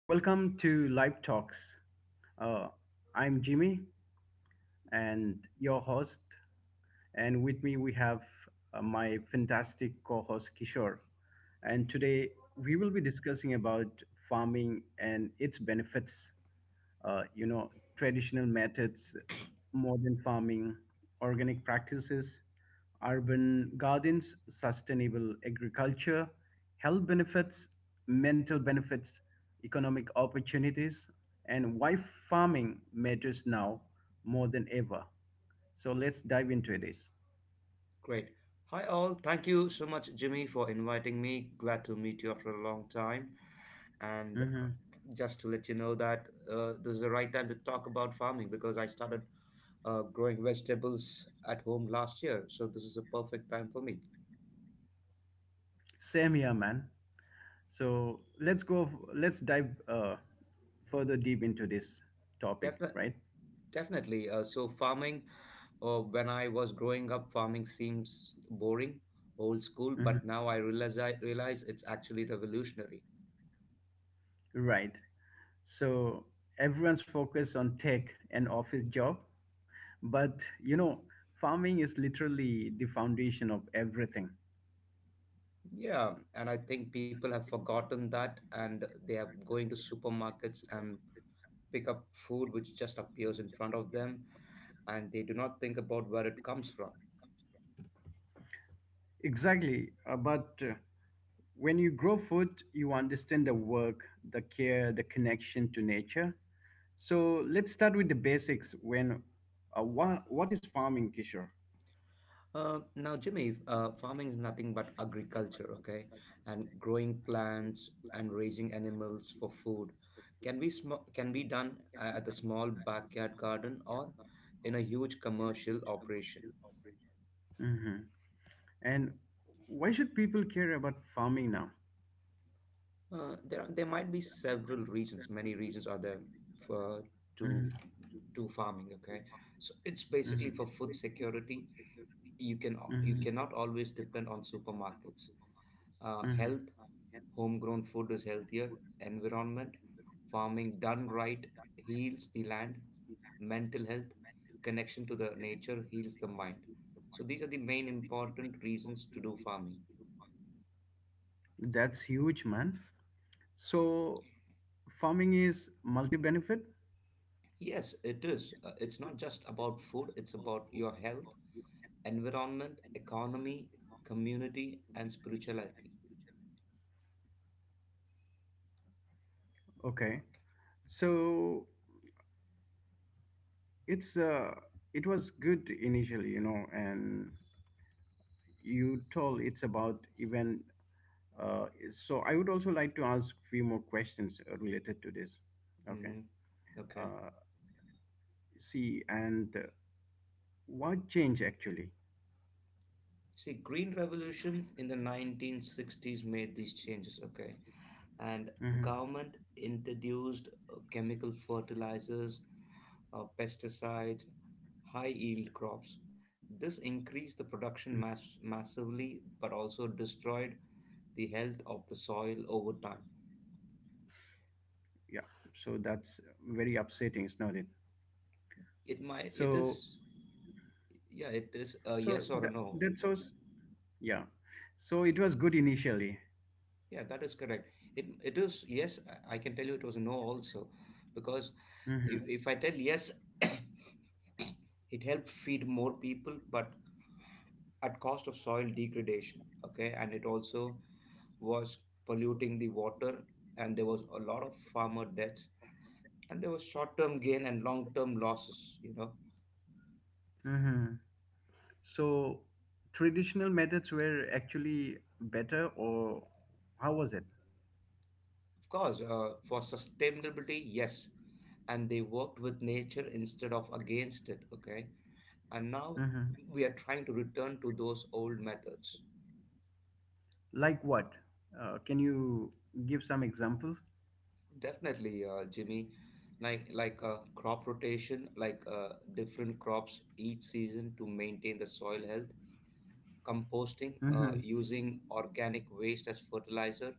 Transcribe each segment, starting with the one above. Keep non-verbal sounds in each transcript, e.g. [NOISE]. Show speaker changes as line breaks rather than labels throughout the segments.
Welcome to Live Talks. Uh, I'm Jimmy and your host. And with me, we have my fantastic co host, Kishore. And today, we will be discussing about farming and its benefits, uh, you know traditional methods, modern farming, organic practices, urban gardens, sustainable agriculture, health benefits, mental benefits, economic opportunities, and why farming matters now more than ever. So let's dive into this.
Great. Hi, all. Thank you so much, Jimmy, for inviting me. Glad to meet you after a long time. And
Mhm.
just to let you know that this is the right time to talk about farming because I started growing vegetables at home last year. So this is a perfect time for me.
Same here, man. So let's dive further deep into this topic,
Definitely.
right?
Definitely. So farming, when I was growing up, farming seems boring, old school,
Mhm.
but now I realize it's actually revolutionary.
Right. So everyone's focused on tech and office job, but you know, farming is literally the foundation of everything.
Yeah, and I think people have forgotten that and they are going to supermarkets and pick up food which just appears in front of them and they do not think about where it comes from.
Exactly. But when you grow food, you understand the work, the care, the connection to nature. So let's start with the basics. What is farming, Kishore?
Now, Jimmy, farming is nothing but agriculture, okay? And growing plants and raising animals for food can be done at the small backyard garden or in a huge commercial operation.
Hmm. And why should people care about farming now?
There might be several reasons. Many reasons are there for to
Hmm.
do farming. Okay, so it's basically
Hmm.
for food security. You
Hmm.
cannot always depend on supermarkets.
Hmm.
Health, homegrown food is healthier. Environment, farming done right heals the land. Mental health, connection to the nature heals the mind. So these are the main important reasons to do farming.
That's huge, man. So farming is multi-benefit.
Yes, it is. It's not just about food. It's about your health environment, economy, community, and spirituality.
Okay. So it's uh, it was good initially, you know, and you told it's about even. Uh, so I would also like to ask few more questions related to this. Okay.
Mhm. Okay.
Uh, See, and what change actually?
See, Green Revolution in the 1960s made these changes. Okay, and
Hmm.
government introduced chemical fertilizers, pesticides, high yield crops. This increased the production massively, but also destroyed the health of the soil over time.
Yeah. So that's very upsetting, is not it?
It might. It
So,
is. Yeah. It is a
so
yes or a
that
no.
that's so s- Yeah. So it was good initially.
Yeah, that is correct. It is yes, I can tell you it was a no also because
Hmm.
if I tell yes, [COUGHS] it helped feed more people but at cost of soil degradation, okay? And it also was polluting the water and there was a lot of farmer deaths and there was short-term gain and long-term losses, you know.
Hmm. So traditional methods were actually better, or how was it?
Of course, for sustainability, yes, and they worked with nature instead of against it, okay? And now
Hmm.
we are trying to return to those old methods
Like what? Can you give some examples?
definitely Jimmy, like crop rotation like different crops each season to maintain the soil health, composting
Mm-hmm.
using organic waste as fertilizer,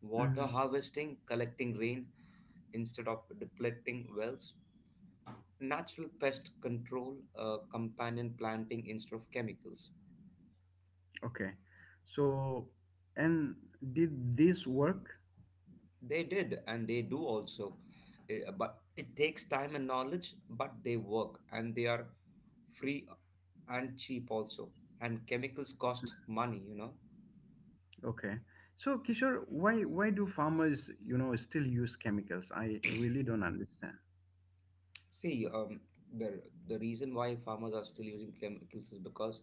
water
Mm-hmm.
harvesting collecting rain instead of depleting wells, natural pest control, companion planting instead of chemicals.
Okay. So, and did this work?
They did, and they do also. But it takes time and knowledge, but they work and they are free and cheap also. And chemicals cost money, you know.
Okay. So, Kishore, why do farmers, you know, still use chemicals? I really don't understand.
See, um, the, the reason why farmers are still using chemicals is because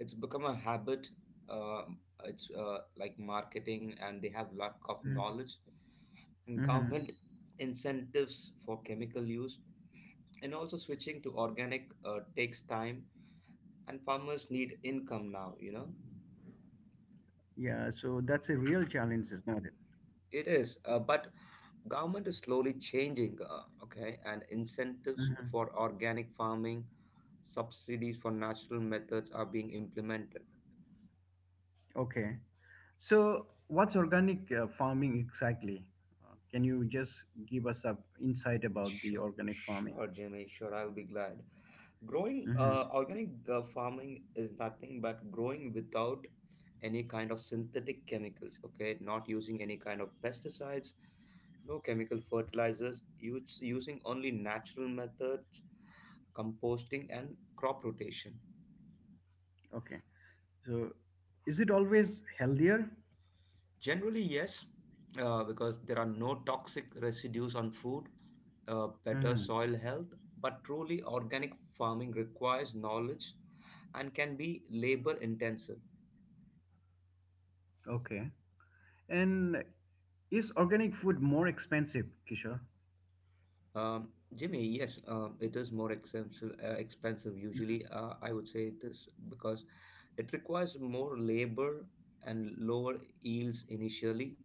it's become a habit. Uh, it's like marketing, and they have lack of knowledge and
Mm-hmm.
government incentives for chemical use. And also switching to organic takes time and farmers need income now, you know.
Yeah. So that's a real challenge, is not it?
It is, but government is slowly changing, okay, and incentives
Mm-hmm.
for organic farming, subsidies for natural methods are being implemented.
Okay. So, what's organic farming exactly? Can you just give us a insight about the
sure
organic farming?
sure jimmy sure I'll be glad. growing
Mm-hmm.
uh, organic uh, farming is nothing but growing without any kind of synthetic chemicals, okay? Not using any kind of pesticides, no chemical fertilizers use, using only natural methods, composting, and crop rotation?
Okay. So, is it always healthier?
Generally, yes, because there are no toxic residues on food, better
Mm-hmm.
soil health, but truly organic farming requires knowledge and can be labor intensive.
Okay. And is organic food more expensive, Kishore?
Um, Jimmy, yes, it is more expensive. Expensive usually, I would say this because it requires more labor and lower yields initially,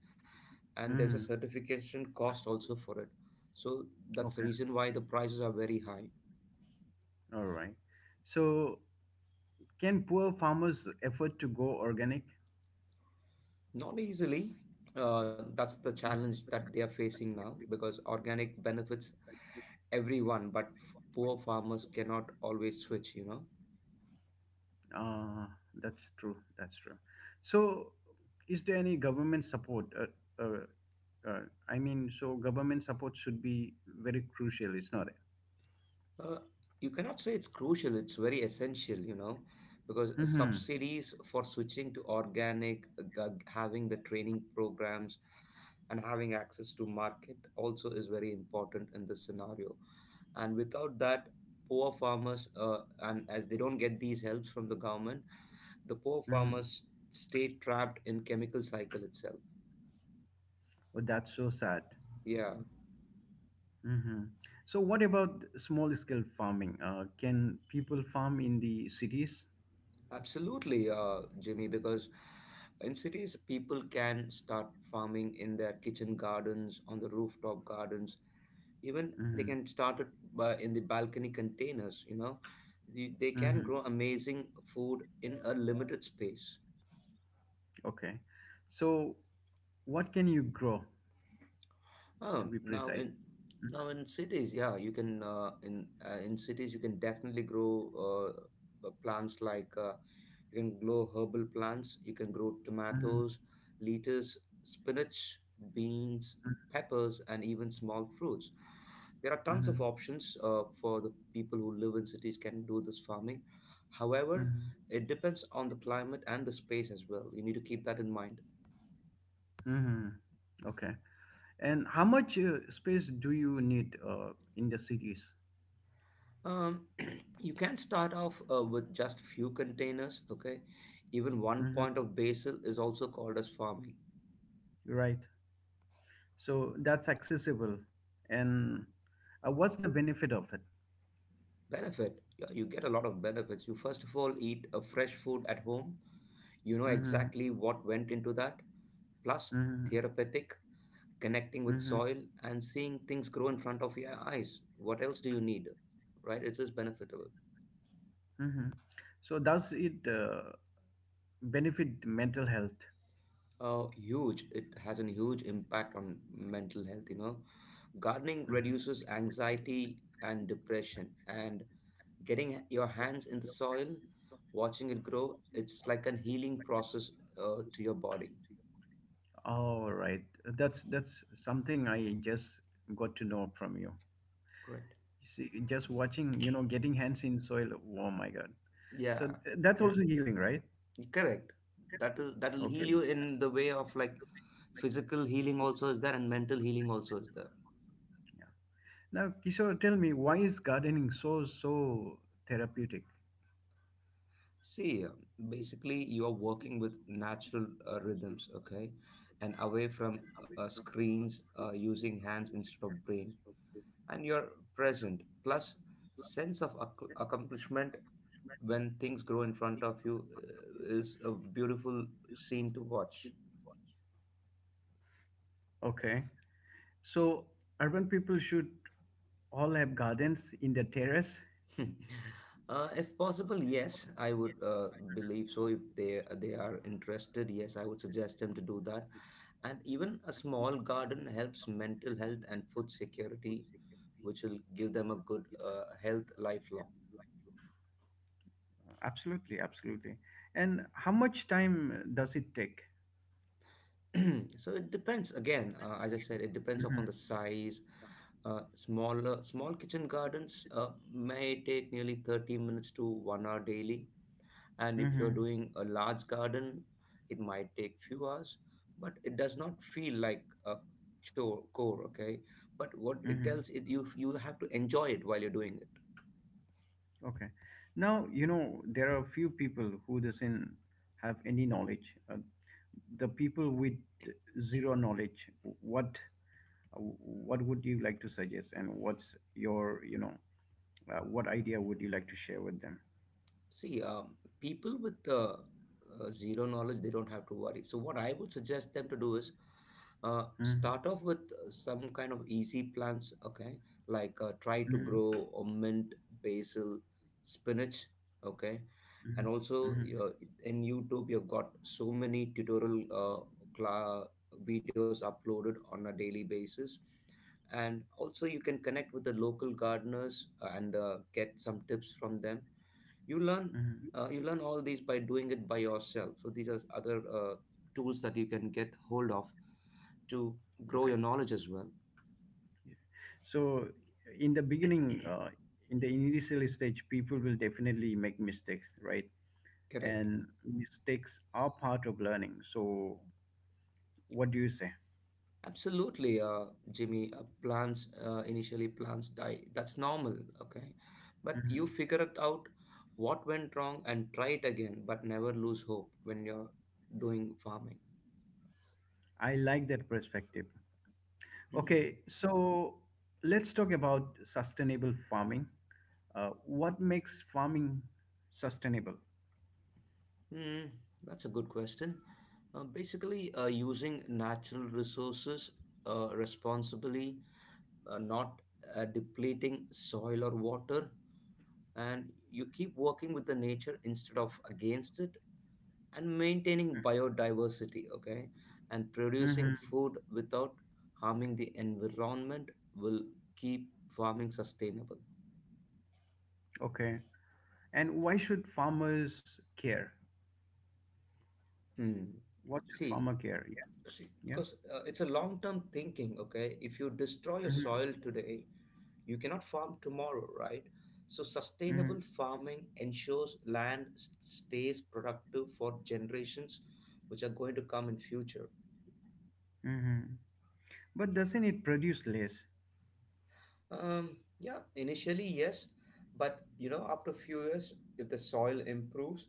and there's a
Hmm.
certification cost also for it, so that's the
Okay.
reason why the prices are very high.
All right. So, can poor farmers afford to go organic?
Not easily. That's the challenge that they are facing now because organic benefits everyone but poor farmers cannot always switch, you know.
Uh, that's true. That's true. So, is there any government support? Uh, uh, I mean, so government support should be very crucial. It's not.
Uh, you cannot say it's crucial, it's very essential, you know, because
Mm-hmm.
subsidies for switching to organic, having the training programs and having access to market also is very important in this scenario, and without that poor farmers and as they don't get these helps from the government, the poor
Mm-hmm.
farmers stay trapped in chemical cycle itself.
Oh, that's so sad.
Yeah.
Mm-hmm. So, what about small scale farming? Can people farm in the cities?
Absolutely, Jimmy, because in cities people can start farming in their kitchen gardens, on the rooftop gardens, even they
Mm-hmm.
can start it in the balcony containers, you know. They can
Mm-hmm.
grow amazing food in a limited space.
Okay. So, what can you grow to
Um,
be
now
precise?
in Now in cities, yeah, you can, in cities you can definitely grow plants like you can grow herbal plants. You can grow
Mhm,
tomatoes, lettuce, spinach, beans, peppers, and even small fruits. There are tons of
mhm,
options for the people who live in cities can do this farming. However,
mhm,
it depends on the climate and the space as well. You need to keep that in mind.
mhm. Okay. And how much space do you need in the cities?
um, [CLEARS THROAT] you can start off with just few containers, okay? Even one
Hmm.
point of basil is also called as farming
Right. So that's accessible. And what's the benefit of it?
benefit. Yeah, you get a lot of benefits. You first of all eat a fresh food at home, you know
Hmm.
exactly what went into that, plus
Hmm.
therapeutic, connecting with
Hmm.
soil and seeing things grow in front of your eyes, what else do you need, right? It is benefitable.
Hmm. So does it benefit mental health?
Huge, it has a huge impact on mental health, you know. Gardening
Mhm.
reduces anxiety and depression, and getting your hands in the soil, watching it grow, it's like a healing process to your body.
All right. That's something I just got to know from you.
Correct.
See, just watching, you know, getting hands in soil. Oh my God.
Yeah,
That's also healing, right?
correct. That will heal
Okay.
you in the way of like physical healing also is there and mental healing also is there.
Yeah. Now, Kishore, tell me, why is gardening so, so therapeutic?
See, um, basically you are working with natural rhythms, okay, and away from screens, using hands instead of brain, and you're present, plus sense of accomplishment when things grow in front of you is a beautiful scene to watch.
Okay. So urban people should all have gardens in their terrace.
[LAUGHS] If possible, yes, I would believe so. If they are interested, yes, I would suggest them to do that, and even a small garden helps mental health and food security, which will give them a good health lifelong.
Absolutely, absolutely. And how much time does it take?
[CLEARS THROAT] So it depends again, as I said, it depends upon the size. Small kitchen gardens may take nearly 30 minutes to 1 hour daily, and
Hmm.
if
Hmm.
you're doing a large garden it might take few hours, but it does not feel like a chore core, okay? But what it tells
Hmm.
it, you have to enjoy it while you're doing.
Okay. Now, you know, there are few people who doesn't have any knowledge. The people with zero knowledge, what what would you like to suggest and what's your, you know, what idea would you like to share with them?
See, um, people with zero knowledge, they don't have to worry. So, what I would suggest them to do is
Mm-hmm.
start off with some kind of easy plants, okay? Like try to
Mm-hmm.
grow mint, basil, spinach, okay?
Mm-hmm.
And also,
Mm-hmm.
in YouTube, you've got so many tutorial cla- videos uploaded on a daily basis. And also, you can connect with the local gardeners and get some tips from them. you learn
Mm-hmm.
you learn all these by doing it by yourself, so these are other tools that you can get hold of to grow
Okay.
your knowledge as well.
Yeah. So in the beginning, uh, in the initial stage, people will definitely make mistakes, right?
Correct.
And mistakes are part of learning. So what do you say?
Absolutely, Jimmy. Plants Initially plants die, that's normal, okay, but you
Mhm.
figure it out what went wrong and try it again, but never lose hope when you're doing farming.
I like that perspective.
Mhm.
Okay, so let's talk about sustainable farming. What makes farming sustainable?
Hmm, that's a good question. Basically using natural resources responsibly, not depleting soil or water, and you keep working with the nature instead of against it and maintaining biodiversity, okay, and producing
Hmm.
food without harming the environment will keep farming sustainable.
Okay, and why should farmers care?
Hmm.
What should
see
farmer care? Yeah,
see,
yeah.
because it's a long term thinking, okay? If you destroy your
Hmm.
soil today, you cannot farm tomorrow, right? So, sustainable
Hmm.
farming ensures land stays productive for generations which are going to come in future.
Hmm. But doesn't it produce less?
Yeah, initially, yes, but you know, after a few years, if the soil improves,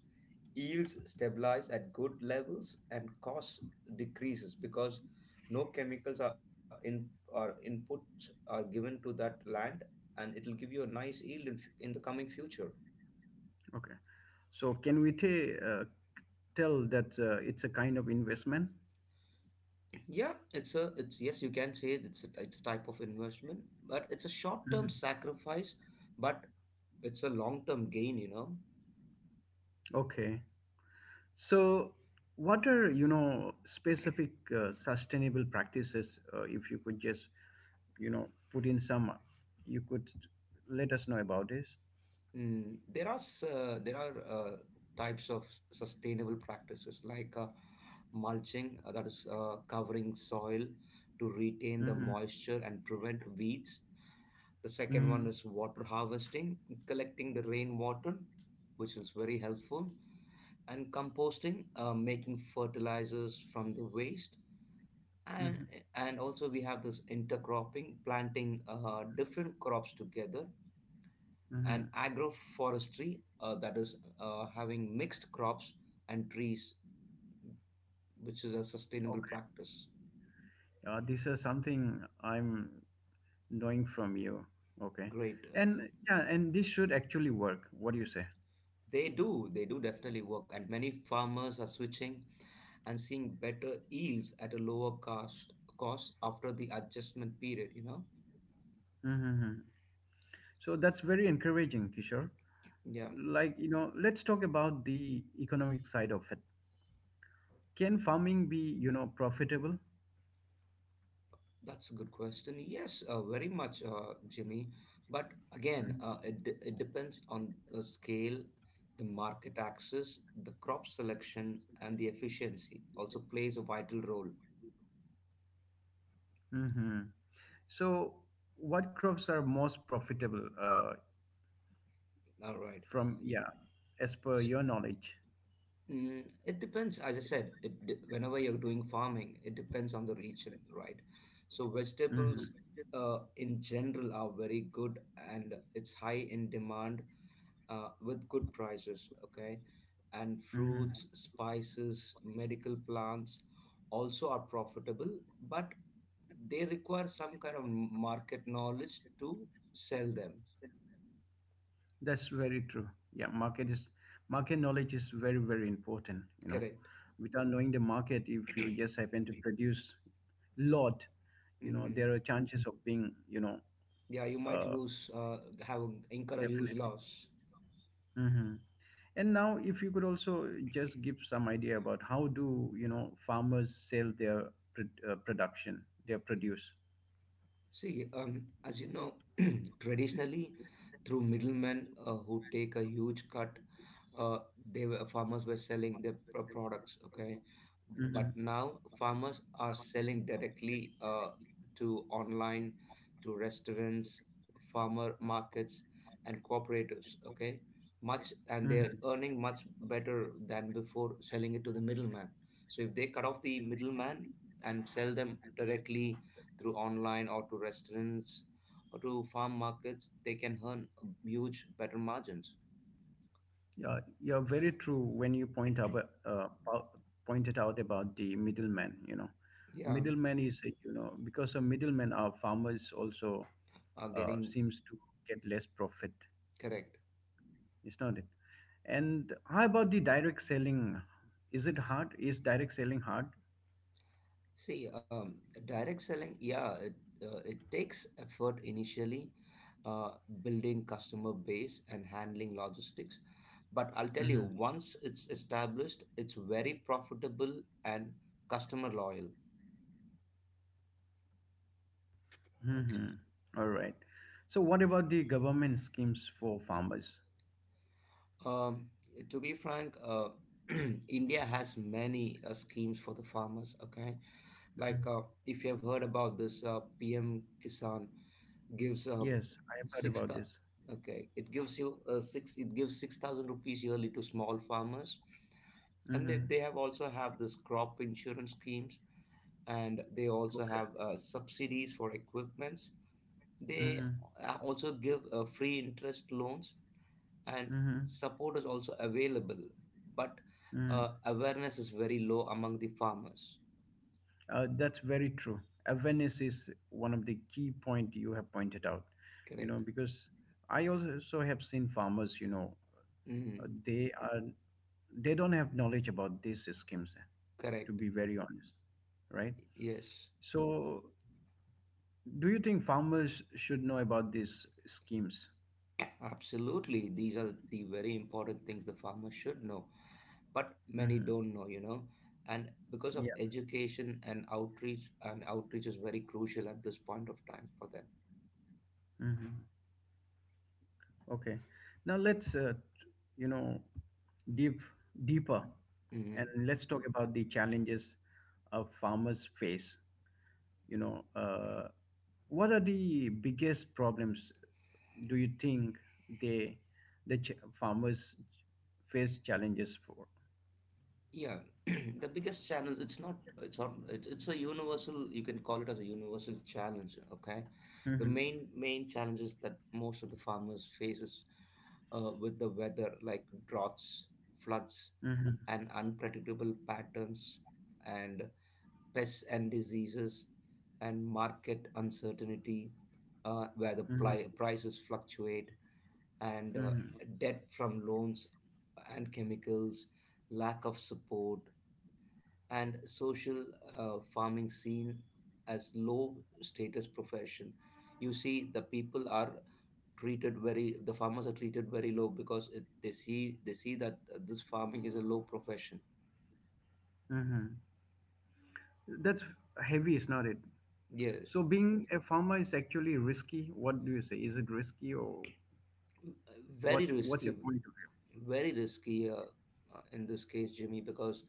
yields stabilize at good levels and costs decreases because no chemicals are in or inputs are given to that land, and it will give you a nice yield in the coming future.
Okay, so tell that it's a kind of investment?
Yeah, it's a it's yes, you can say it, it's a type of investment, but it's a short term
Mhm.
sacrifice, but it's a long term gain. You know,
Okay. So, what are, you know, specific sustainable practices? If you could just, you know, put in some, you could let us know about this.
there are types of sustainable practices like mulching, that is covering soil to retain the
Mm-hmm.
moisture and prevent weeds. The second one
Mm-hmm.
is water harvesting, collecting the rainwater, which is very helpful, and composting, making fertilizers from the waste and
Mm-hmm.
and also we have this intercropping planting different crops together
Mm-hmm.
and agroforestry, that is having mixed crops and trees, which is a sustainable
Okay.
practice.
This is something I'm knowing from you. Okay.
Great.
And yeah, and this should actually work. What do you say?
They do, they do definitely work, and many farmers are switching and seeing better yields at a lower cost after the adjustment period.
Mm-hmm. So that's very encouraging, Kishore.
Yeah.
Like, you know, let's talk about the economic side of it. Can farming be, you know, profitable?
That's a good question. Yes, very much, Jimmy. But again, it depends on the scale, the market access, the crop selection, and the efficiency also plays a vital role.
Hmm. So, what crops are most profitable
All right.
yeah, as per
So,
your knowledge?
it depends, as I said, whenever you're doing farming, it depends on the region, right? So,
Hmm.
vegetables in general are very good, and it's high in demand with good prices, okay? And
Hmm.
fruits, spices, medical plants also are profitable, but they require some kind of market knowledge to sell them.
That's very true. Market knowledge is very, very important, you know.
Correct.
Without knowing the market, if you just happen to produce lot, you know,
Mm-hmm.
there are chances of being, you know,
Yeah, you might
uh,
lose, have incur a huge
definitely.
loss.
Hmm. And now, if you could also just give some idea about how do you know farmers sell their production, their produce.
See, as you know, [CLEARS THROAT] traditionally, through middlemen, who take a huge cut, uh, they were farmers were selling their products, okay? But
Hmm.
now farmers are selling directly, to online, to restaurants, farmer markets, and cooperatives, okay, much and
Hmm.
they're earning much better than before selling it to the middleman. So if they cut off the middleman and sell them directly, through online or to restaurants or to farm markets, they can earn huge better margins.
Yeah, you're very true when you about, pointed out about the middleman. You know,
Yeah.
middleman is a, you know, because a middleman, our farmers also
are getting
seems to get less profit.
Correct.
It's not it. And how about the direct selling? Is it hard? Is direct selling hard?
See, direct selling, yeah, it takes effort initially, uh, building customer base and handling logistics. But I'll tell you,
Mm-hmm.
once it's established, it's very profitable and customer loyal. Okay.
Mm-hmm. All right. So what about the government schemes for farmers?
Um, to be frank, [CLEARS THROAT] India has many schemes for the farmers. Okay,
Hmm.
like, if you have heard about this, PM Kisan gives,
Yes, I have heard
six
about
thou-
this.
okay it gives you six it gives 6,000 rupees yearly to small farmers. And they,
Mm-hmm.
they have this crop insurance schemes, and they also
Okay.
have subsidies for equipments. They
Mm-hmm.
also give free interest loans, and
Mm-hmm.
support is also available, but
Mm-hmm.
awareness is very low among the farmers.
That's very true. Awareness is one of the key point you have pointed out. You know,
Correct.
because I also have seen farmers. You know,
Mhm.
they are, they don't have knowledge about these schemes. To
Correct.
be very honest, right?
Yes.
So, do you think farmers should know about these schemes?
Absolutely. These are the very important things the farmer should know, but many
Hmm.
don't know. And because of
Yeah.
education and outreach is very crucial at this point of time for them.
Hmm. Okay. Now you know, deep deeper, and
Hmm.
let's talk about the challenges of farmers face, you know, what are the biggest problems do you think they farmers face challenges for?
Yeah, [CLEARS THROAT] the biggest challenge. It's not. It's not. It's a universal. You can call it as a universal challenge. Okay, the
Mhm,
main challenges that most of the farmers faces, with the weather, like droughts, floods,
mhm,
and unpredictable patterns, and pests and diseases, and market uncertainty, where the
mhm,
prices fluctuate, and
mhm,
debt from loans and chemicals, lack of support, and social, farming seen as low status profession. You see, the farmers are treated very low, because they see that this farming is a low profession.
mhm. That's heavy, is not it?
Yes.
So being a farmer is actually risky. What do you say? Is it risky or
Very
what's
risky.
your point of
Very risky, in this case, Jimmy, because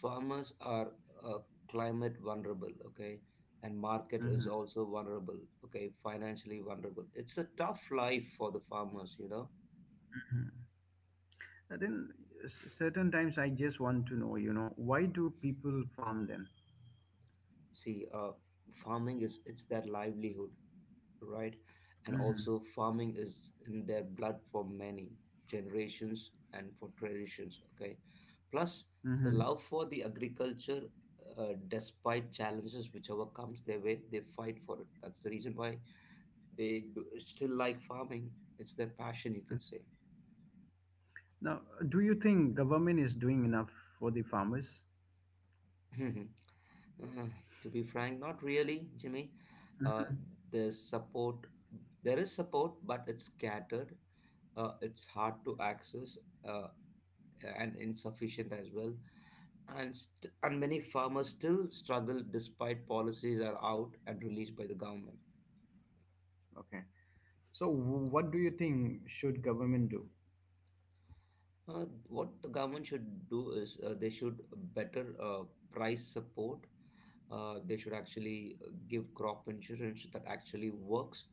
farmers are, uh, climate vulnerable, okay, and market
view?
is
Hmm.
also vulnerable, okay, financially vulnerable. It's a tough life for the farmers.
And then, certain times I just want to know, you know, why do people farm then?
See, farming is it's their livelihood, right? And also, farming is in their blood for many generations and for traditions, okay? Plus, the
Hmm.
love for the agriculture, despite challenges whichever comes their way, they fight for it. That's the reason why they do, still like farming. It's their passion, you can say.
Now, do you think government is doing enough for the farmers?
[LAUGHS] Hmm. To be frank, not really, Jimmy. Uh,
Mhm.
there's support. There is support, but it's scattered. It's hard to access. Uh, and insufficient as well. And many farmers still struggle despite policies are out and released by the government.
Okay. So, what do you think should government do?
What the government should do is, they should better, price support. They should actually, give crop insurance that actually works,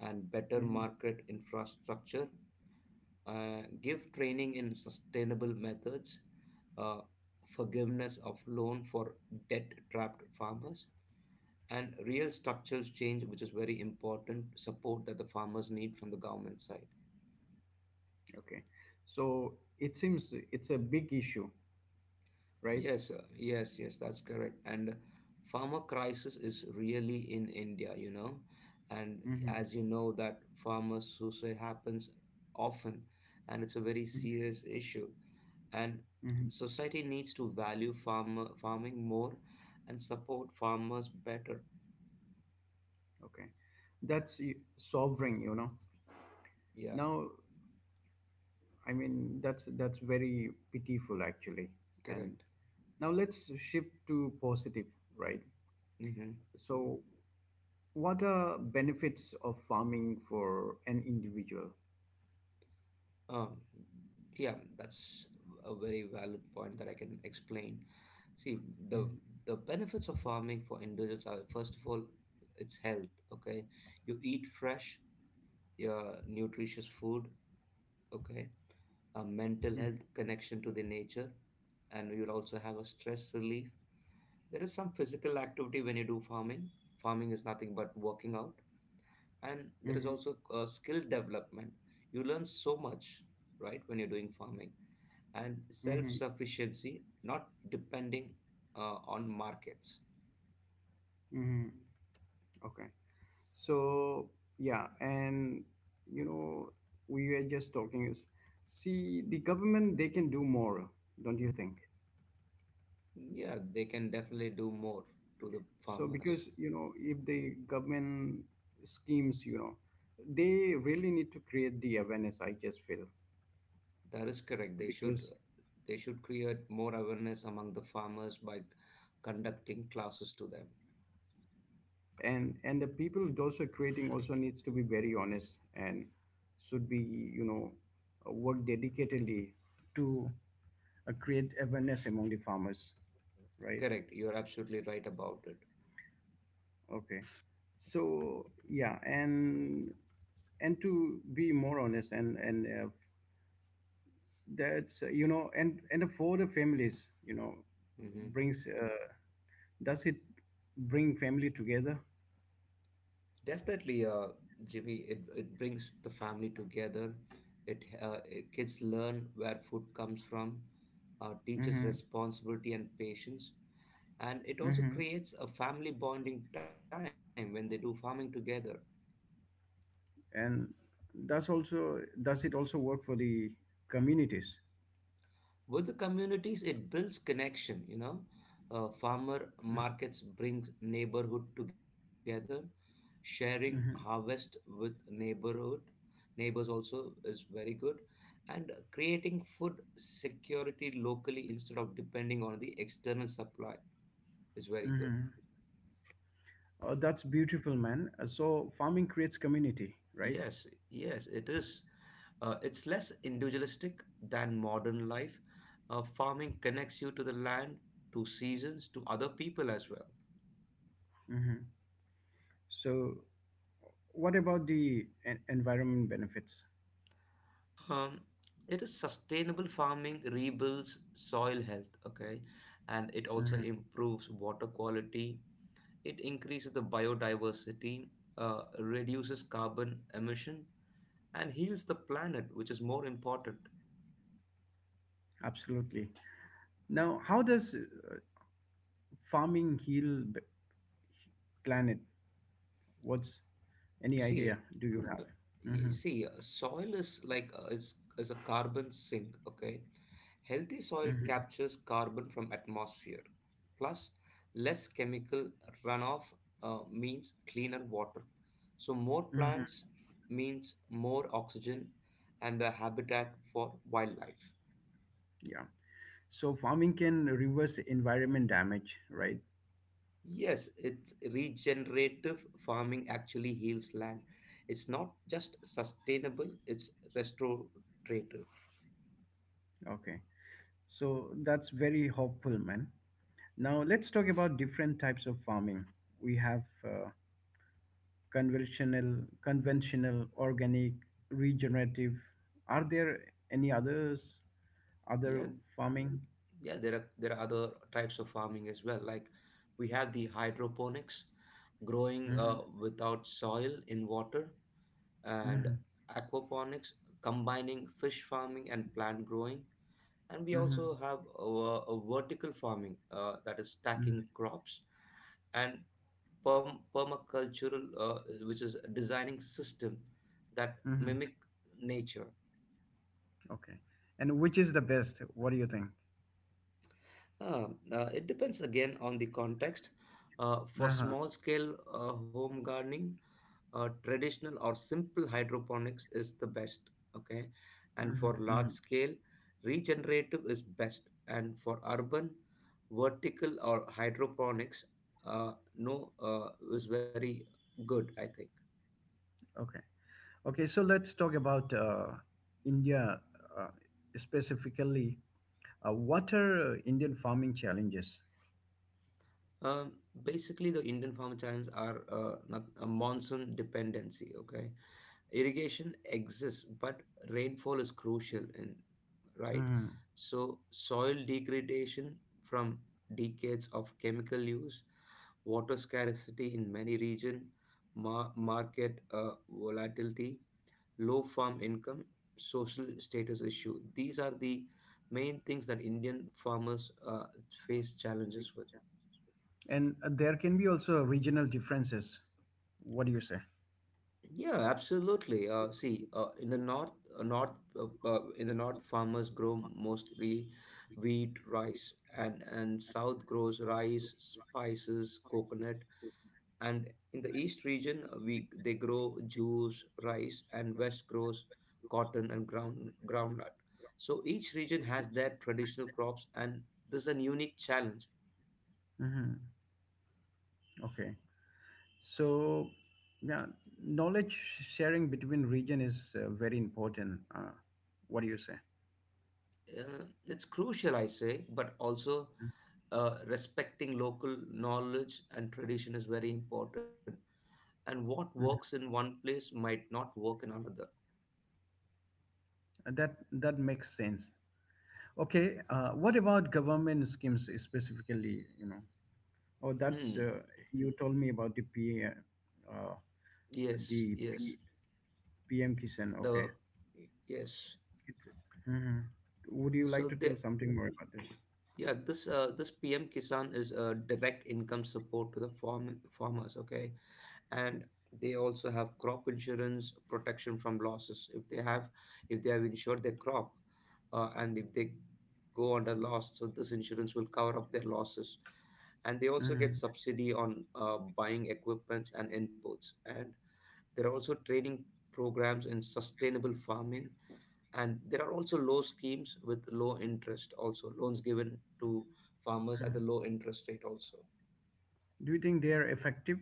and better
Mhm.
market infrastructure. Give training in sustainable methods. Uh, Forgiveness of loan for debt trapped farmers, and real structural change, which is very important support that the farmers need from the government side.
Okay. So it seems it's a big issue, right?
Yes, sir. Yes, yes, that's correct. And farmer crisis is really in India, you know, and
Hmm.
as you know that farmer suicide happens often, and it's a very serious issue. And
Hmm.
society needs to value farmer farming more and support farmers better.
Okay. That's y- sovereign, you know.
Yeah.
Now, I mean, that's very pitiful actually. And
Correct.
now let's shift to positive, right?
Hmm.
So, what are benefits of farming for an individual?
Um, yeah, that's a very valid point that I can explain. See, the
Mm-hmm.
the benefits of farming for individuals are, first of all, it's health. Okay, you eat fresh, yeah, nutritious food. Okay, a mental
Mm-hmm,
health connection to the nature, and you'll also have a stress relief. There is some physical activity when you do farming. Farming is nothing but working out, and there is
mm-hmm,
also, skill development. You learn so much, right, when you're doing farming. And
mm-hmm,
self-sufficiency, not depending, on markets.
mm-hmm. Okay. So yeah, and you know, we were just talking is, see, the government they can do more, don't you think?
Yeah, they can definitely do more to the
So
farmers.
because you know, if the government schemes, you know, they really need to create the awareness, I just feel.
That is correct. They should,
Because
they should create more awareness among the farmers by conducting classes to them.
and the people those who are creating also needs to be very honest and should be, you know, work dedicatedly to create awareness among the farmers, right?
Correct. You're absolutely right about it.
Okay. So yeah, and to be more honest, and that's you know, and for the families, you know,
Hmm.
brings does it bring family together?
Definitely, Jimmy. It brings the family together. It kids learn where food comes from, teaches
Hmm.
responsibility and patience, and it also
Hmm.
creates a family bonding time when they do farming together.
And that's also, does it also work for the communities?
With the communities, it builds connection. Uh, farmer markets brings neighborhood together, sharing
Mm-hmm.
harvest
Mm-hmm.
with neighborhood neighbors also is very good, and creating food security locally instead of depending on the external supply is very good.
Mm-hmm. Oh, that's beautiful, man. So farming creates community, right?
Yes, yes, it is. It's less individualistic than modern life. Farming connects you to the land, to seasons, to other people as well.
Mm-hmm. So what about the environment benefits?
Um, it is Sustainable farming rebuilds soil health, okay, and it also
Mhm.
improves water quality. It increases the biodiversity, reduces carbon emission, and heals the planet, which is more important.
Absolutely. Now, how does farming heal b- planet? What's any
See,
idea do you have?
Uh, You
Hmm.
see, soil is like is a carbon sink. Okay, healthy soil
Hmm.
captures carbon from atmosphere. Plus, less chemical runoff means cleaner water. So more
Hmm.
plants means more oxygen, and the habitat for wildlife.
Yeah. So farming can reverse environment damage, right?
Yes, it's regenerative farming actually heals land. It's not just sustainable, it's restorative.
Okay. So that's very hopeful, man. Now let's talk about different types of farming. We have conventional, conventional, organic, regenerative. Are there any others other
Yeah.
farming?
Yeah, there are other types of farming as well. Like, we have the hydroponics, growing
Mm-hmm.
without soil in water, and
Mm-hmm.
aquaponics, combining fish farming and plant growing. And we
Mm-hmm.
also have, a vertical farming, that is
Mm-hmm.
stacking crops, and permacultural, which is designing system that
Mm-hmm.
mimic nature.
Okay. And which is the best? What do you think?
Uh, it depends again on the context. For
Uh-huh.
small scale, home gardening, traditional or simple hydroponics is the best. Okay. And
Mm-hmm.
for large
Mm-hmm.
scale, regenerative is best. And for urban, vertical or hydroponics, no, is very good, I think.
Okay. Okay. So let's talk about India uh, specifically. What are Indian farming challenges?
Um, Basically, the Indian farmer channels are, not a monsoon dependency. Okay, irrigation exists, but rainfall is crucial, and right,
Mm-hmm.
so soil degradation from decades of chemical use, water scarcity in many regions, market volatility, low farm income, social status issue, these are the main things that Indian farmers face challenges with.
And there can be also regional differences. What do you say?
Yeah, absolutely. See, uh, north, in the north, farmers grow mostly wheat, rice, and south grows rice, spices, coconut, and in the east region, we they grow juice, rice, and west grows cotton and groundnut. So each region has their traditional crops, and this is a unique challenge.
Mm-hmm. Okay. So, yeah, knowledge sharing between region is very important. What do you say?
It's crucial, I say, but also. Respecting local knowledge and tradition is very important, and what works in
Mhm.
one place might not work in another.
That that makes sense. Okay, what about government schemes specifically? You know, oh, that's
Hmm.
you told me about uh,
Yes, yes.
the PM
the
Kisan. Okay,
Yes.
it's, mhm, would
so
you
they
like to tell something more about this?
Yeah, this this PM Kisan is a direct income support to the farmers, okay. And they also have crop insurance, protection from losses, if they have insured their crop, and if they go under loss, so this insurance will cover up their losses. And they also get
Mhm.
subsidy on, buying equipments and inputs, and there are also training programs in sustainable farming, and there are also low schemes with low interest, also loans given to farmers at a
Mhm.
low interest rate also.
Do you think they are effective?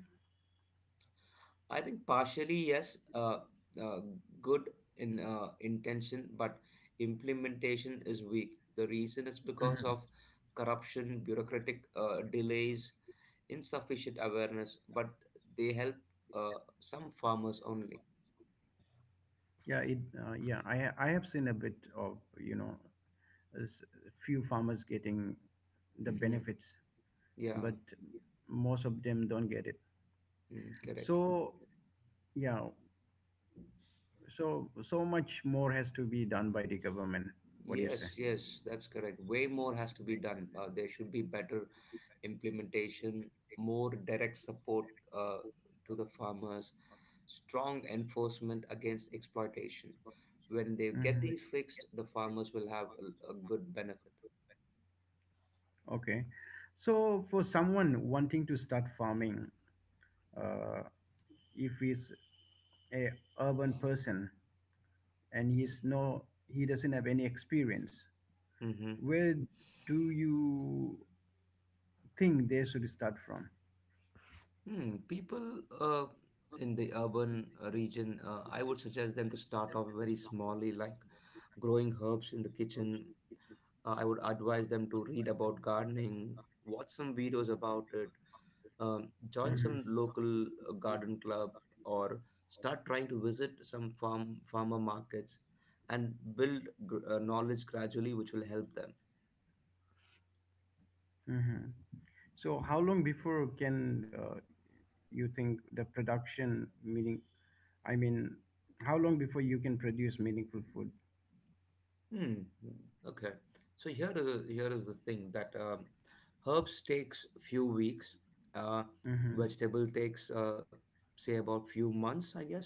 I think partially yes, uh, good in, intention, but implementation is weak. The reason is because
Mhm.
of corruption, bureaucratic delays, insufficient awareness. But they help some farmers only.
Yeah, it. I have seen a bit of, you know, s- few farmers getting the
Mhm.
benefits,
Yeah,
but most of them don't get it.
mm, correct.
So yeah, so so much more has to be done by the government. What do you
Yes,
say?
yes, that's correct. Way more has to be done. There should be better implementation, more direct support, uh, to the farmers, strong enforcement against exploitation. When they get
Hmm.
these fixed, the farmers will have a good benefit.
Okay. So for someone wanting to start farming, uh, if he's a urban person and he doesn't have any experience,
Hmm.
where do you think they should start from?
Hmm. People in the urban region, I would suggest them to start off very smallly, like growing herbs in the kitchen. I would advise them to read about gardening, watch some videos about it, join
Hmm.
some local garden club, or start trying to visit some farmer markets, and build knowledge gradually, which will help them.
Hmm. So how long before can you think the production meaning I mean, how long before you can produce meaningful food?
Hmm. Okay. So here is the thing that herbs takes few weeks. Uh,
Mm-hmm.
Vegetable takes say about few months, I guess.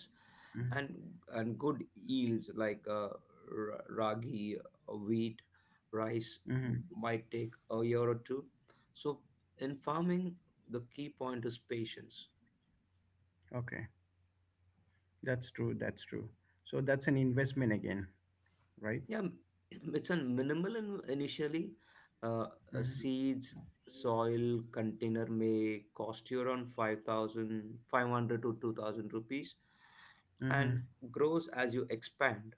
Mm-hmm.
And and good yields like ragi, wheat, rice
Mm-hmm.
might take a year or two. So in farming, the key point is patience.
Okay, that's true. That's true. So that's an investment again, right?
Yeah, [CLEARS THROAT] it's a minimal initially. Uh,
Mm-hmm.
Seeds, soil, container may cost you around 5,500 to 2,000 rupees
Mm-hmm.
and grows as you expand.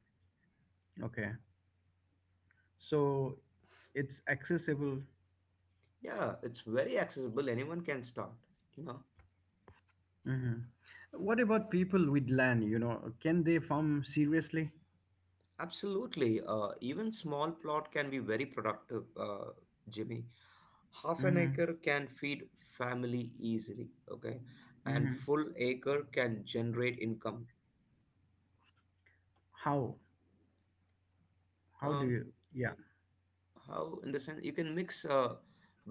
Okay. So it's accessible.
Yeah, it's very accessible. Anyone can start, you know.
Mm-hmm. What about people with land? You know, can they farm seriously?
Absolutely. Even small plot can be very productive, Jimmy. Half an
Mm-hmm.
acre can feed family easily, okay? And
Mm-hmm.
full acre can generate income.
How? How do
Um,
you? Yeah.
how in the sense you can mix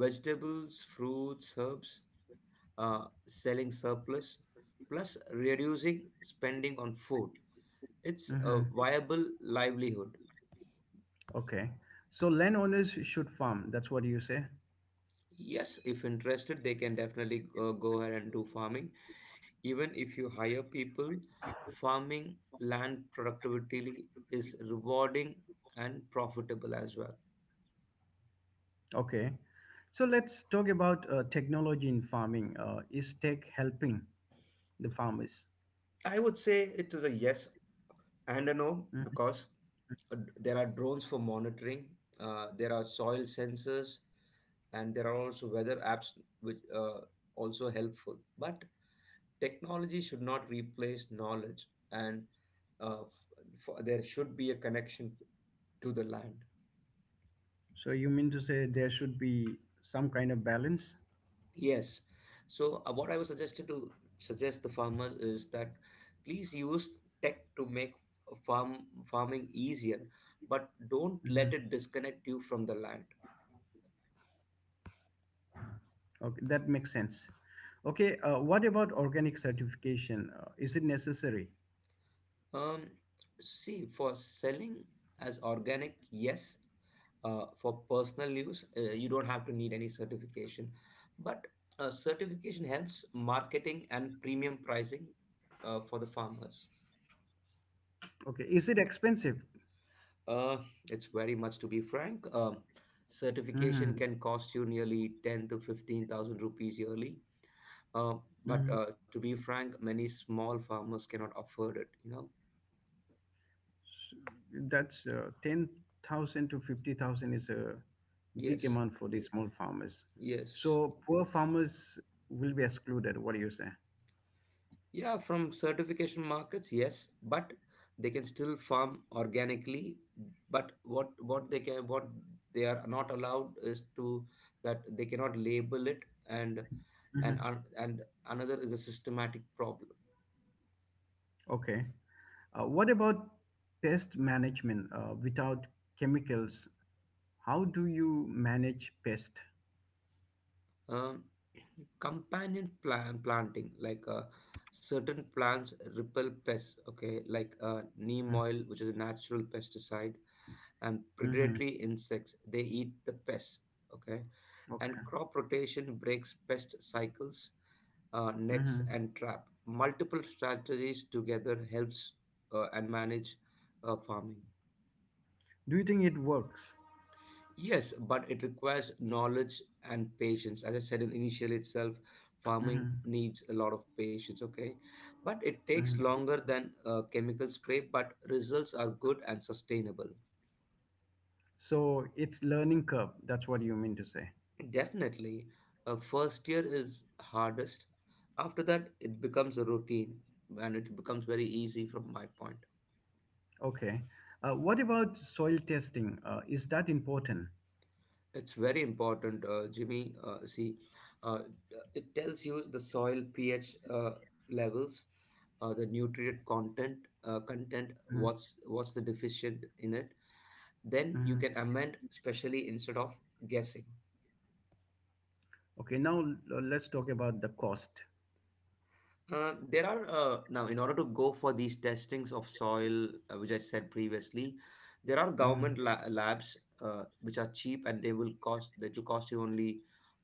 vegetables, fruits, herbs, selling surplus, plus reducing spending on food, it's a
Mm-hmm.
viable livelihood.
Okay. So landowners should farm. That's what you say.
Yes, if interested, they can definitely go ahead and do farming. Even if you hire people, farming land productivity is rewarding and profitable as well.
Okay. So let's talk about technology in farming. Is tech helping the farmers?
I would say it is a yes and a no, because there are drones for monitoring. There are soil sensors, and there are also weather apps, which also helpful. But technology should not replace knowledge, and for, there should be a connection to the land.
So you mean to say there should be some kind of balance?
Yes. So what I was suggested to suggest the farmers is that please use tech to make farming easier, but don't let
Hmm.
it disconnect you from the land.
Okay, that makes sense. Okay, what about organic certification? Is it necessary?
Um, See, for selling as organic, yes. For personal use, you don't have to need any certification. But certification helps marketing and premium pricing for the farmers.
Okay, is it expensive?
Uh, it's very much to be frank. Certification
Hmm.
can cost you nearly 10 to 15,000 rupees yearly. Uh, but
Hmm.
to be frank, many small farmers cannot afford it, you know?
That's 10,000 to 50,000, is a big
Yes,
amount for the small farmers.
yes.
So poor farmers will be excluded. What do you say?
Yeah, from certification markets, yes, but they can still farm organically. But what they can what they are not allowed is to that they cannot label it, and
Mhm.
and another is a systematic problem.
Okay. What about pest management without chemicals? How do you manage pest?
Um, Companion planting, like certain plants repel pests. Okay, like neem oil, which is a natural pesticide, and
Mm-hmm.
predatory insects, they eat the pests, okay, and
Okay.
crop rotation breaks pest cycles, nets
Mm-hmm.
and trap multiple strategies together helps and manage farming.
Do you think it works?
Yes, but it requires knowledge and patience, as I said in initially itself.
Mm-hmm.
Farming needs a lot of patience, okay? But it takes
Mm-hmm.
longer than a chemical spray, but results are good and sustainable.
So it's learning curve. That's what you mean to say.
Definitely. First year is hardest. After that, it becomes a routine and it becomes very easy from my point.
Okay. What about soil testing? Is that important?
It's very important, Jimmy. See, uh, it tells you the soil pH levels, the nutrient content, what's the deficient in it. Then you can
Mm-hmm.
amend, specially instead of guessing.
Okay. Now let's talk about the cost.
There are Now, in order to go for these testings of soil, which I said previously, there are government
Mm-hmm.
labs which are cheap, and they will cost that will cost you only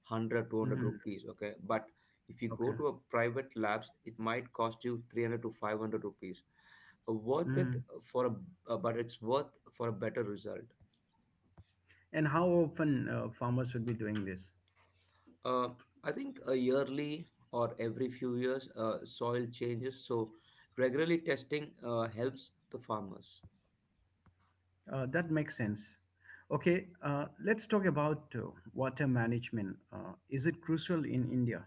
100 two hundred
Mm-hmm.
rupees. Okay, but if you go
Okay.
to a private labs, it might cost you 300 to 500 rupees. Worth it
Mm-hmm.
for a But it's worth for a better result.
And how often farmers should be doing this?
Uh, I think yearly or every few years. Soil changes, so regularly testing helps the farmers.
That makes sense. Okay, let's talk about water management. Is it crucial in India?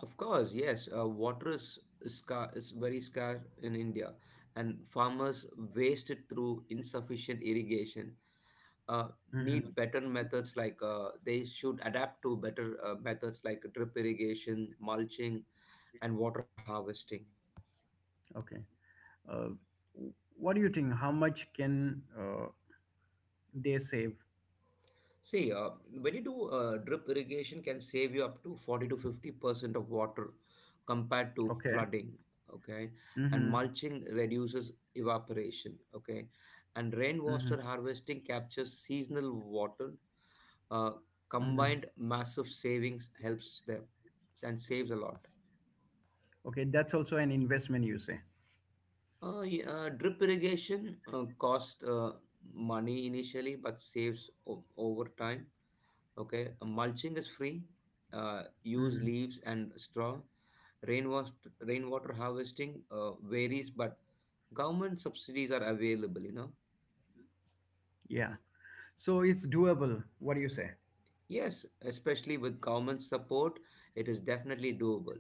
Of course, yes. Water is scar is very scarce in India, and farmers waste it through insufficient irrigation. Uh,
Hmm.
need better methods like They should adapt to better methods like drip irrigation, mulching, and water harvesting.
Okay. Uh, what do you think? How much can they save?
See, when you do drip irrigation, can save you up to 40 to 50% of water compared to
Okay.
flooding. Okay, and
Mm-hmm.
mulching reduces evaporation. Okay, and
Mm-hmm.
rainwater harvesting captures seasonal water. Uh,
Mm-hmm.
Combined massive savings helps them and saves a lot.
Okay, that's also an investment, you say.
Yeah, drip irrigation cost money initially, but saves over time. Okay, mulching is free. Use
Hmm.
leaves and straw. Rainwater Rainwater harvesting varies, but government subsidies are available.
Yeah. So it's doable. What do you say?
Yes, especially with government support, it is definitely doable.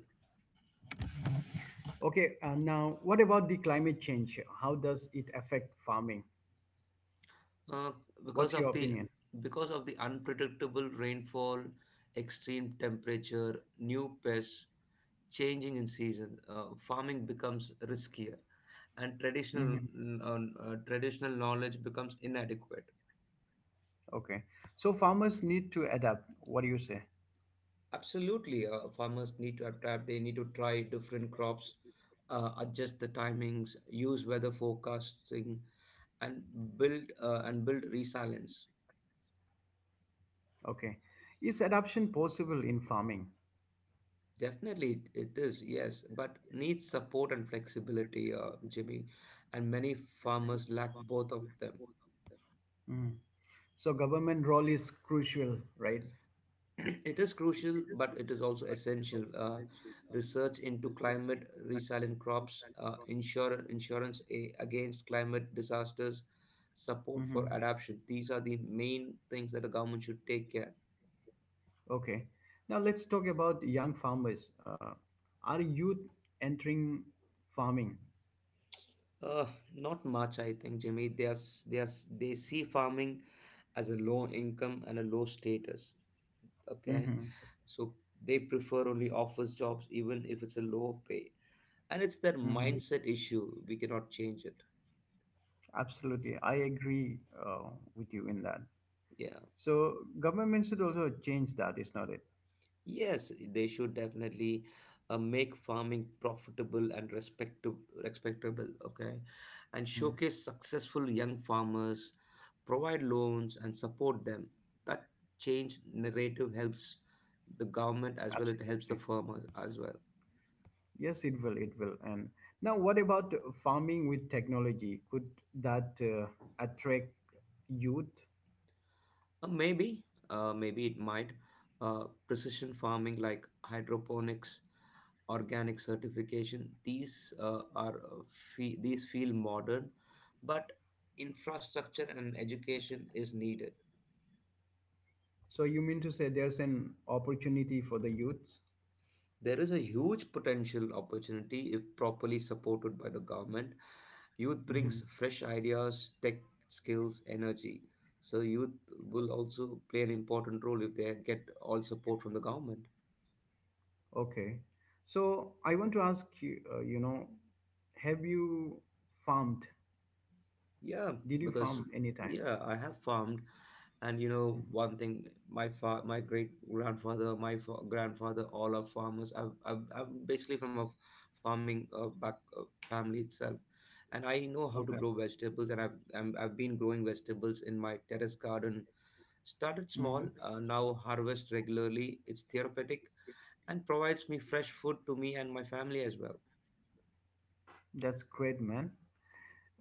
Okay, now what about the climate change? How does it affect farming?
Uh, because
What's your
of the
opinion?
because of the unpredictable rainfall, extreme temperature, new pests, changing in season, farming becomes riskier, and
Mm-hmm.
uh, traditional knowledge becomes inadequate.
Okay. So farmers need to adapt. What do you say?
Absolutely, farmers need to adapt. They need to try different crops, adjust the timings, use weather forecasting, and build resilience.
Okay. Is adaption possible in farming?
Definitely, it is yes, but needs support and flexibility, Jimmy, and many farmers lack both of them.
Mhm. So government role is crucial, right?
[CLEARS THROAT] It is crucial, but it is also essential. Research into climate resilient crops, insurance against climate disasters, support for
Hmm.
adaptation. These are the main things that the government should take care.
Okay. Now let's talk about young farmers. Are youth entering farming?
Uh, Not much, I think, Jimmy. They see farming as a low income and a low status. Okay,
Hmm.
so they prefer only office jobs, even if it's a low pay, and it's their
Hmm.
mindset issue. We cannot change it.
Absolutely. I agree with you in that.
Yeah.
So government should also change that, is not it?
Yes, they should definitely make farming profitable and respectable, okay? And
Mhm.
showcase successful young farmers, provide loans and support them. That change narrative helps the government as well, it helps the
Absolutely.
farmers as well.
Yes, it will. It will. And now, what about farming with technology? Could that attract youth?
Uh, maybe, Maybe it might. Precision farming like hydroponics, organic certification. These feel modern, but infrastructure and education is needed.
So you mean to say there's an opportunity for the youths?
There is a huge potential opportunity if properly supported by the government. Youth brings
Hmm.
fresh ideas, tech skills, energy. So youth will also play an important role if they get all support from the government.
Okay. So I want to ask you. You know, have you farmed?
Yeah,
Did you
because
farm anytime?
yeah, I have farmed, and you know
Hmm.
one thing, my great grandfather, grandfather, all are farmers. I'm basically from a farming back family itself, and I know how to
Okay.
grow vegetables, and I've been growing vegetables in my terrace garden. Started small,
Hmm.
now harvest regularly. It's therapeutic and provides me fresh food to me and my family as well.
That's great, man.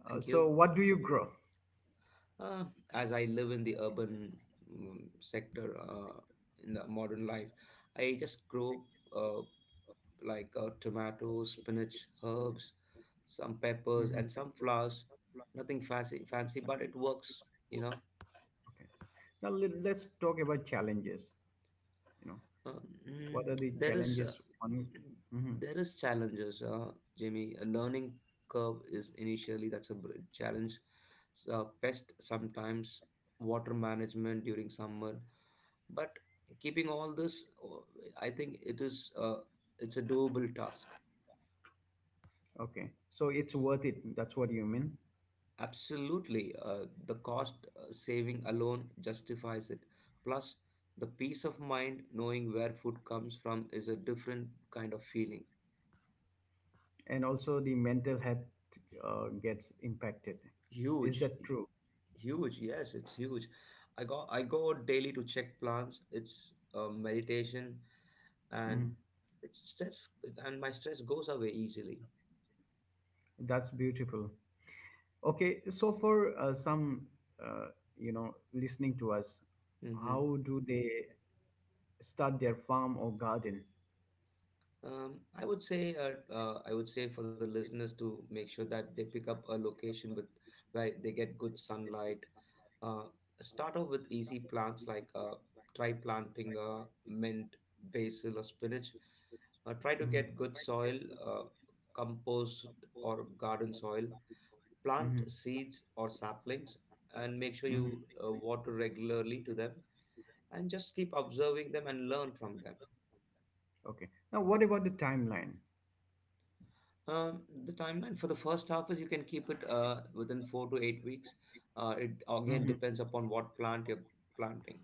Thank
So
you.
what do you grow?
Uh, as I live in the urban sector in the modern life, I just grow uh, like tomatoes, spinach, herbs, some peppers,
Hmm.
and some flowers. Nothing fancy, fancy, but it works. You know,
Okay. Now let's talk about challenges. You know.
um, mm,
What are the
there is uh,
challenges? One, hmm,
there is challenges, Jimmy. A learning curve is initially, that's a challenge. So, pest sometimes, water management during summer, but keeping all this, oh, I think it's a doable task.
okay, so it's worth it. That's what you mean.
Absolutely. The cost saving alone justifies it, plus the peace of mind knowing where food comes from is a different kind of feeling.
And also, the mental health gets impacted. Is
Huge.
that true?
Huge, yes, it's huge. I go daily to check plants. It's meditation, and
Mhm.
it's stress, and my stress goes away easily.
That's beautiful. Okay, so for uh, you know, listening to us,
hmm
how do they start their farm or garden?
I would say, for the listeners to make sure that they pick up a location with where they get good sunlight. Uh, Start off with easy plants, like try planting mint, basil, or spinach. Try to
Mhm,
get good soil, uh, compost or garden soil, plant
mhm,
seeds or saplings, and make sure
mhm.
you water regularly to them, and just keep observing them and learn from them.
Okay. Now, what about the timeline?
The timeline for the first harvest, you can keep it within 4 to 8 weeks. It again
Mhm.
depends upon what plant you're planting.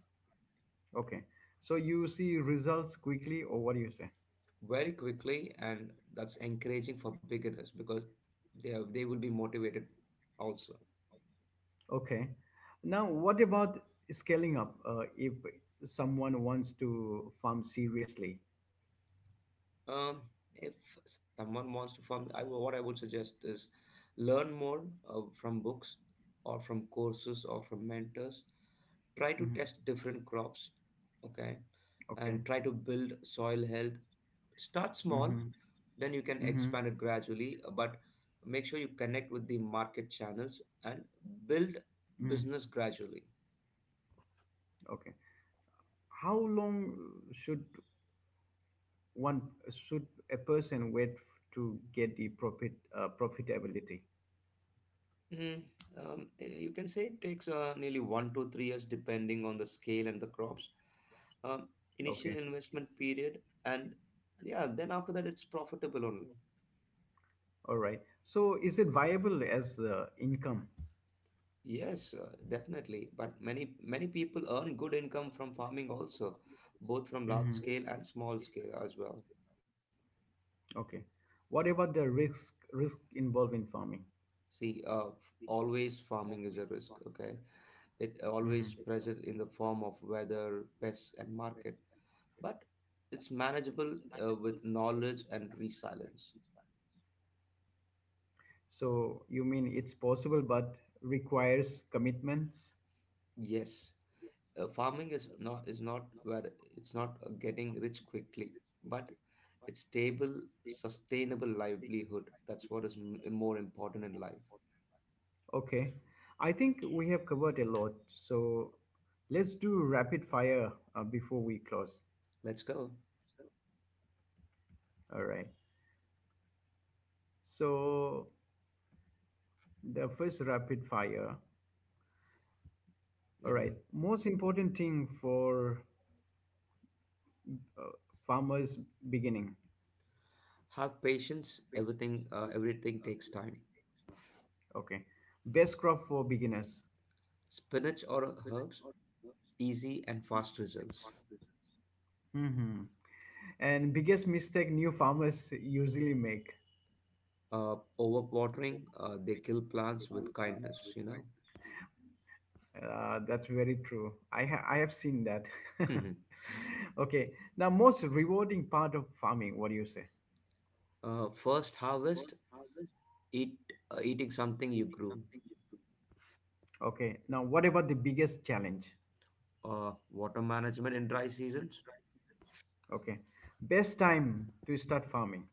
Okay. So you see results quickly, or what do you say?
Very quickly, and that's encouraging for beginners because they will be motivated also.
Okay. Now, what about scaling up if someone wants to farm seriously?
Um, if someone wants to form, what I would suggest is learn more from books or from courses or from mentors. Try to
Hmm.
test different crops, okay,
Okay.
and try to build soil health. Start small,
Mm-hmm.
then you can
Mm-hmm.
expand it gradually. But make sure you connect with the market channels and build
Hmm.
business gradually.
Okay. How long should one should a person wait to get the profitability?
Mm, you can say it takes nearly 1 to 3 years depending on the scale and the crops. Um, Initial
Okay.
investment period, and yeah, then after that it's profitable only.
All right. So, is it viable as income?
Yes, definitely. But many people earn good income from farming also, both from large
Mm-hmm.
scale and small scale as well.
Okay. What about the risk involved in farming?
See, always farming is a risk. Okay, it
Hmm.
always present in the form of weather, pests, and market. But it's manageable with knowledge and resilience.
So you mean it's possible but requires commitments?
Yes, farming is not where it's not getting rich quickly, but it's stable, sustainable livelihood. That's what is more important in life.
Okay. I think we have covered a lot. So let's do rapid fire before we close.
Let's go.
All right. So the first rapid fire. All right.
Hmm.
Most important thing for uh, farmers beginning.
Have patience. Everything takes time.
Okay. Best crop for beginners.
Spinach or herbs, easy and fast results.
Hmm. And biggest mistake new farmers usually make.
Overwatering, they kill plants with kindness.
That's very true. I have seen that. [LAUGHS]
[LAUGHS]
Okay. Now, most rewarding part of farming. What do you say?
First harvest. eat Eating something you grew.
Okay. Now, what about the biggest challenge?
Water management in dry seasons.
Okay. Best time to start farming.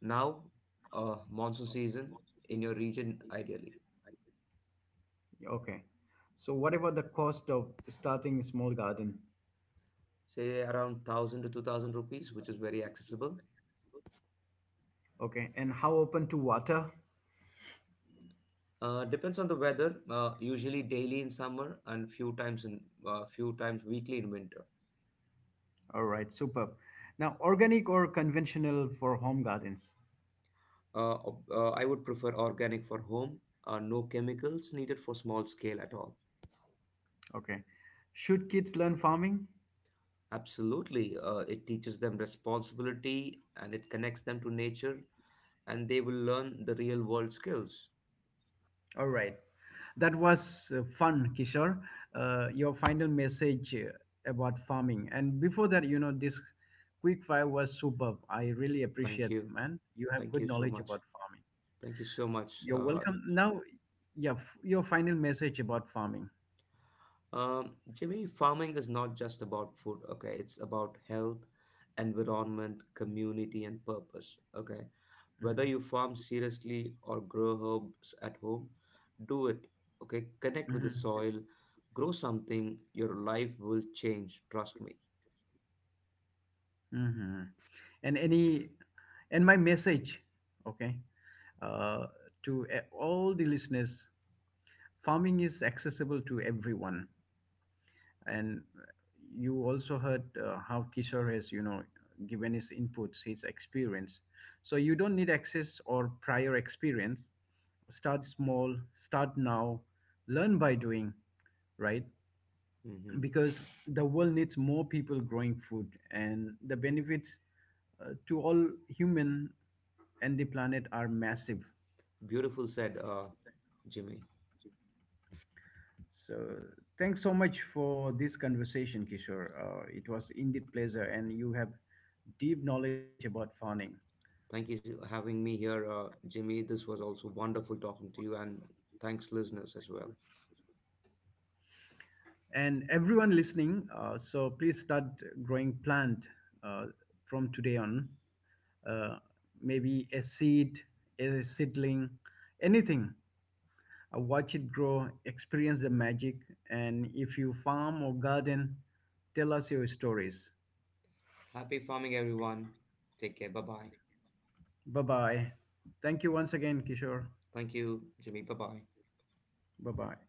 Now. Monsoon season in your region ideally.
Okay. So, what about the cost of starting a small garden?
Say around 1,000 to 2,000 rupees, which is very accessible.
Okay. And how open to water?
Depends on the weather, usually daily in summer and few times weekly in winter.
All right. Superb. Now, organic or conventional for home gardens?
I would prefer organic for home. No chemicals needed for small scale at all.
Okay. Should kids learn farming?
Absolutely. It teaches them responsibility and it connects them to nature, and they will learn the real world skills.
All right. That was fun, Kishore. Your final message about farming. And before that, you know, this quick fire was superb. I really
Thank
appreciate,
you.
man. You have
Thank
good
you so
knowledge
much.
about farming.
Thank you so much.
You're welcome. Now, yeah, your final message about farming.
Jimmy, farming is not just about food, okay? It's about health, environment, community, and purpose, okay? Whether
Hmm.
you farm seriously or grow herbs at home, do it, okay? Connect with the soil, grow something, your life will change, trust me.
Hmm. Hmm. And any, and my message, okay, uh, to all the listeners, farming is accessible to everyone. And you also heard how Kishore has, you know, given his inputs, his experience. So you don't need access or prior experience. Start small, start now, learn by doing, right?
hmm
Because the world needs more people growing food, and the benefits to all human and the planet are massive.
Beautiful said, Jimmy.
So thanks so much for this conversation, Kishore. It was indeed pleasure, and you have deep knowledge about farming.
Thank you for having me here, Jimmy. This was also wonderful talking to you, and thanks, listeners, as well.
And everyone listening, so please start growing plant uh, from today on. Uh, maybe a seed, a seedling, anything. Watch it grow, experience the magic, and if you farm or garden, tell us your stories.
Happy farming, everyone. Take care. Bye bye.
Bye bye. Thank you once again, Kishore.
Thank you, Jimmy. Bye bye.
Bye bye.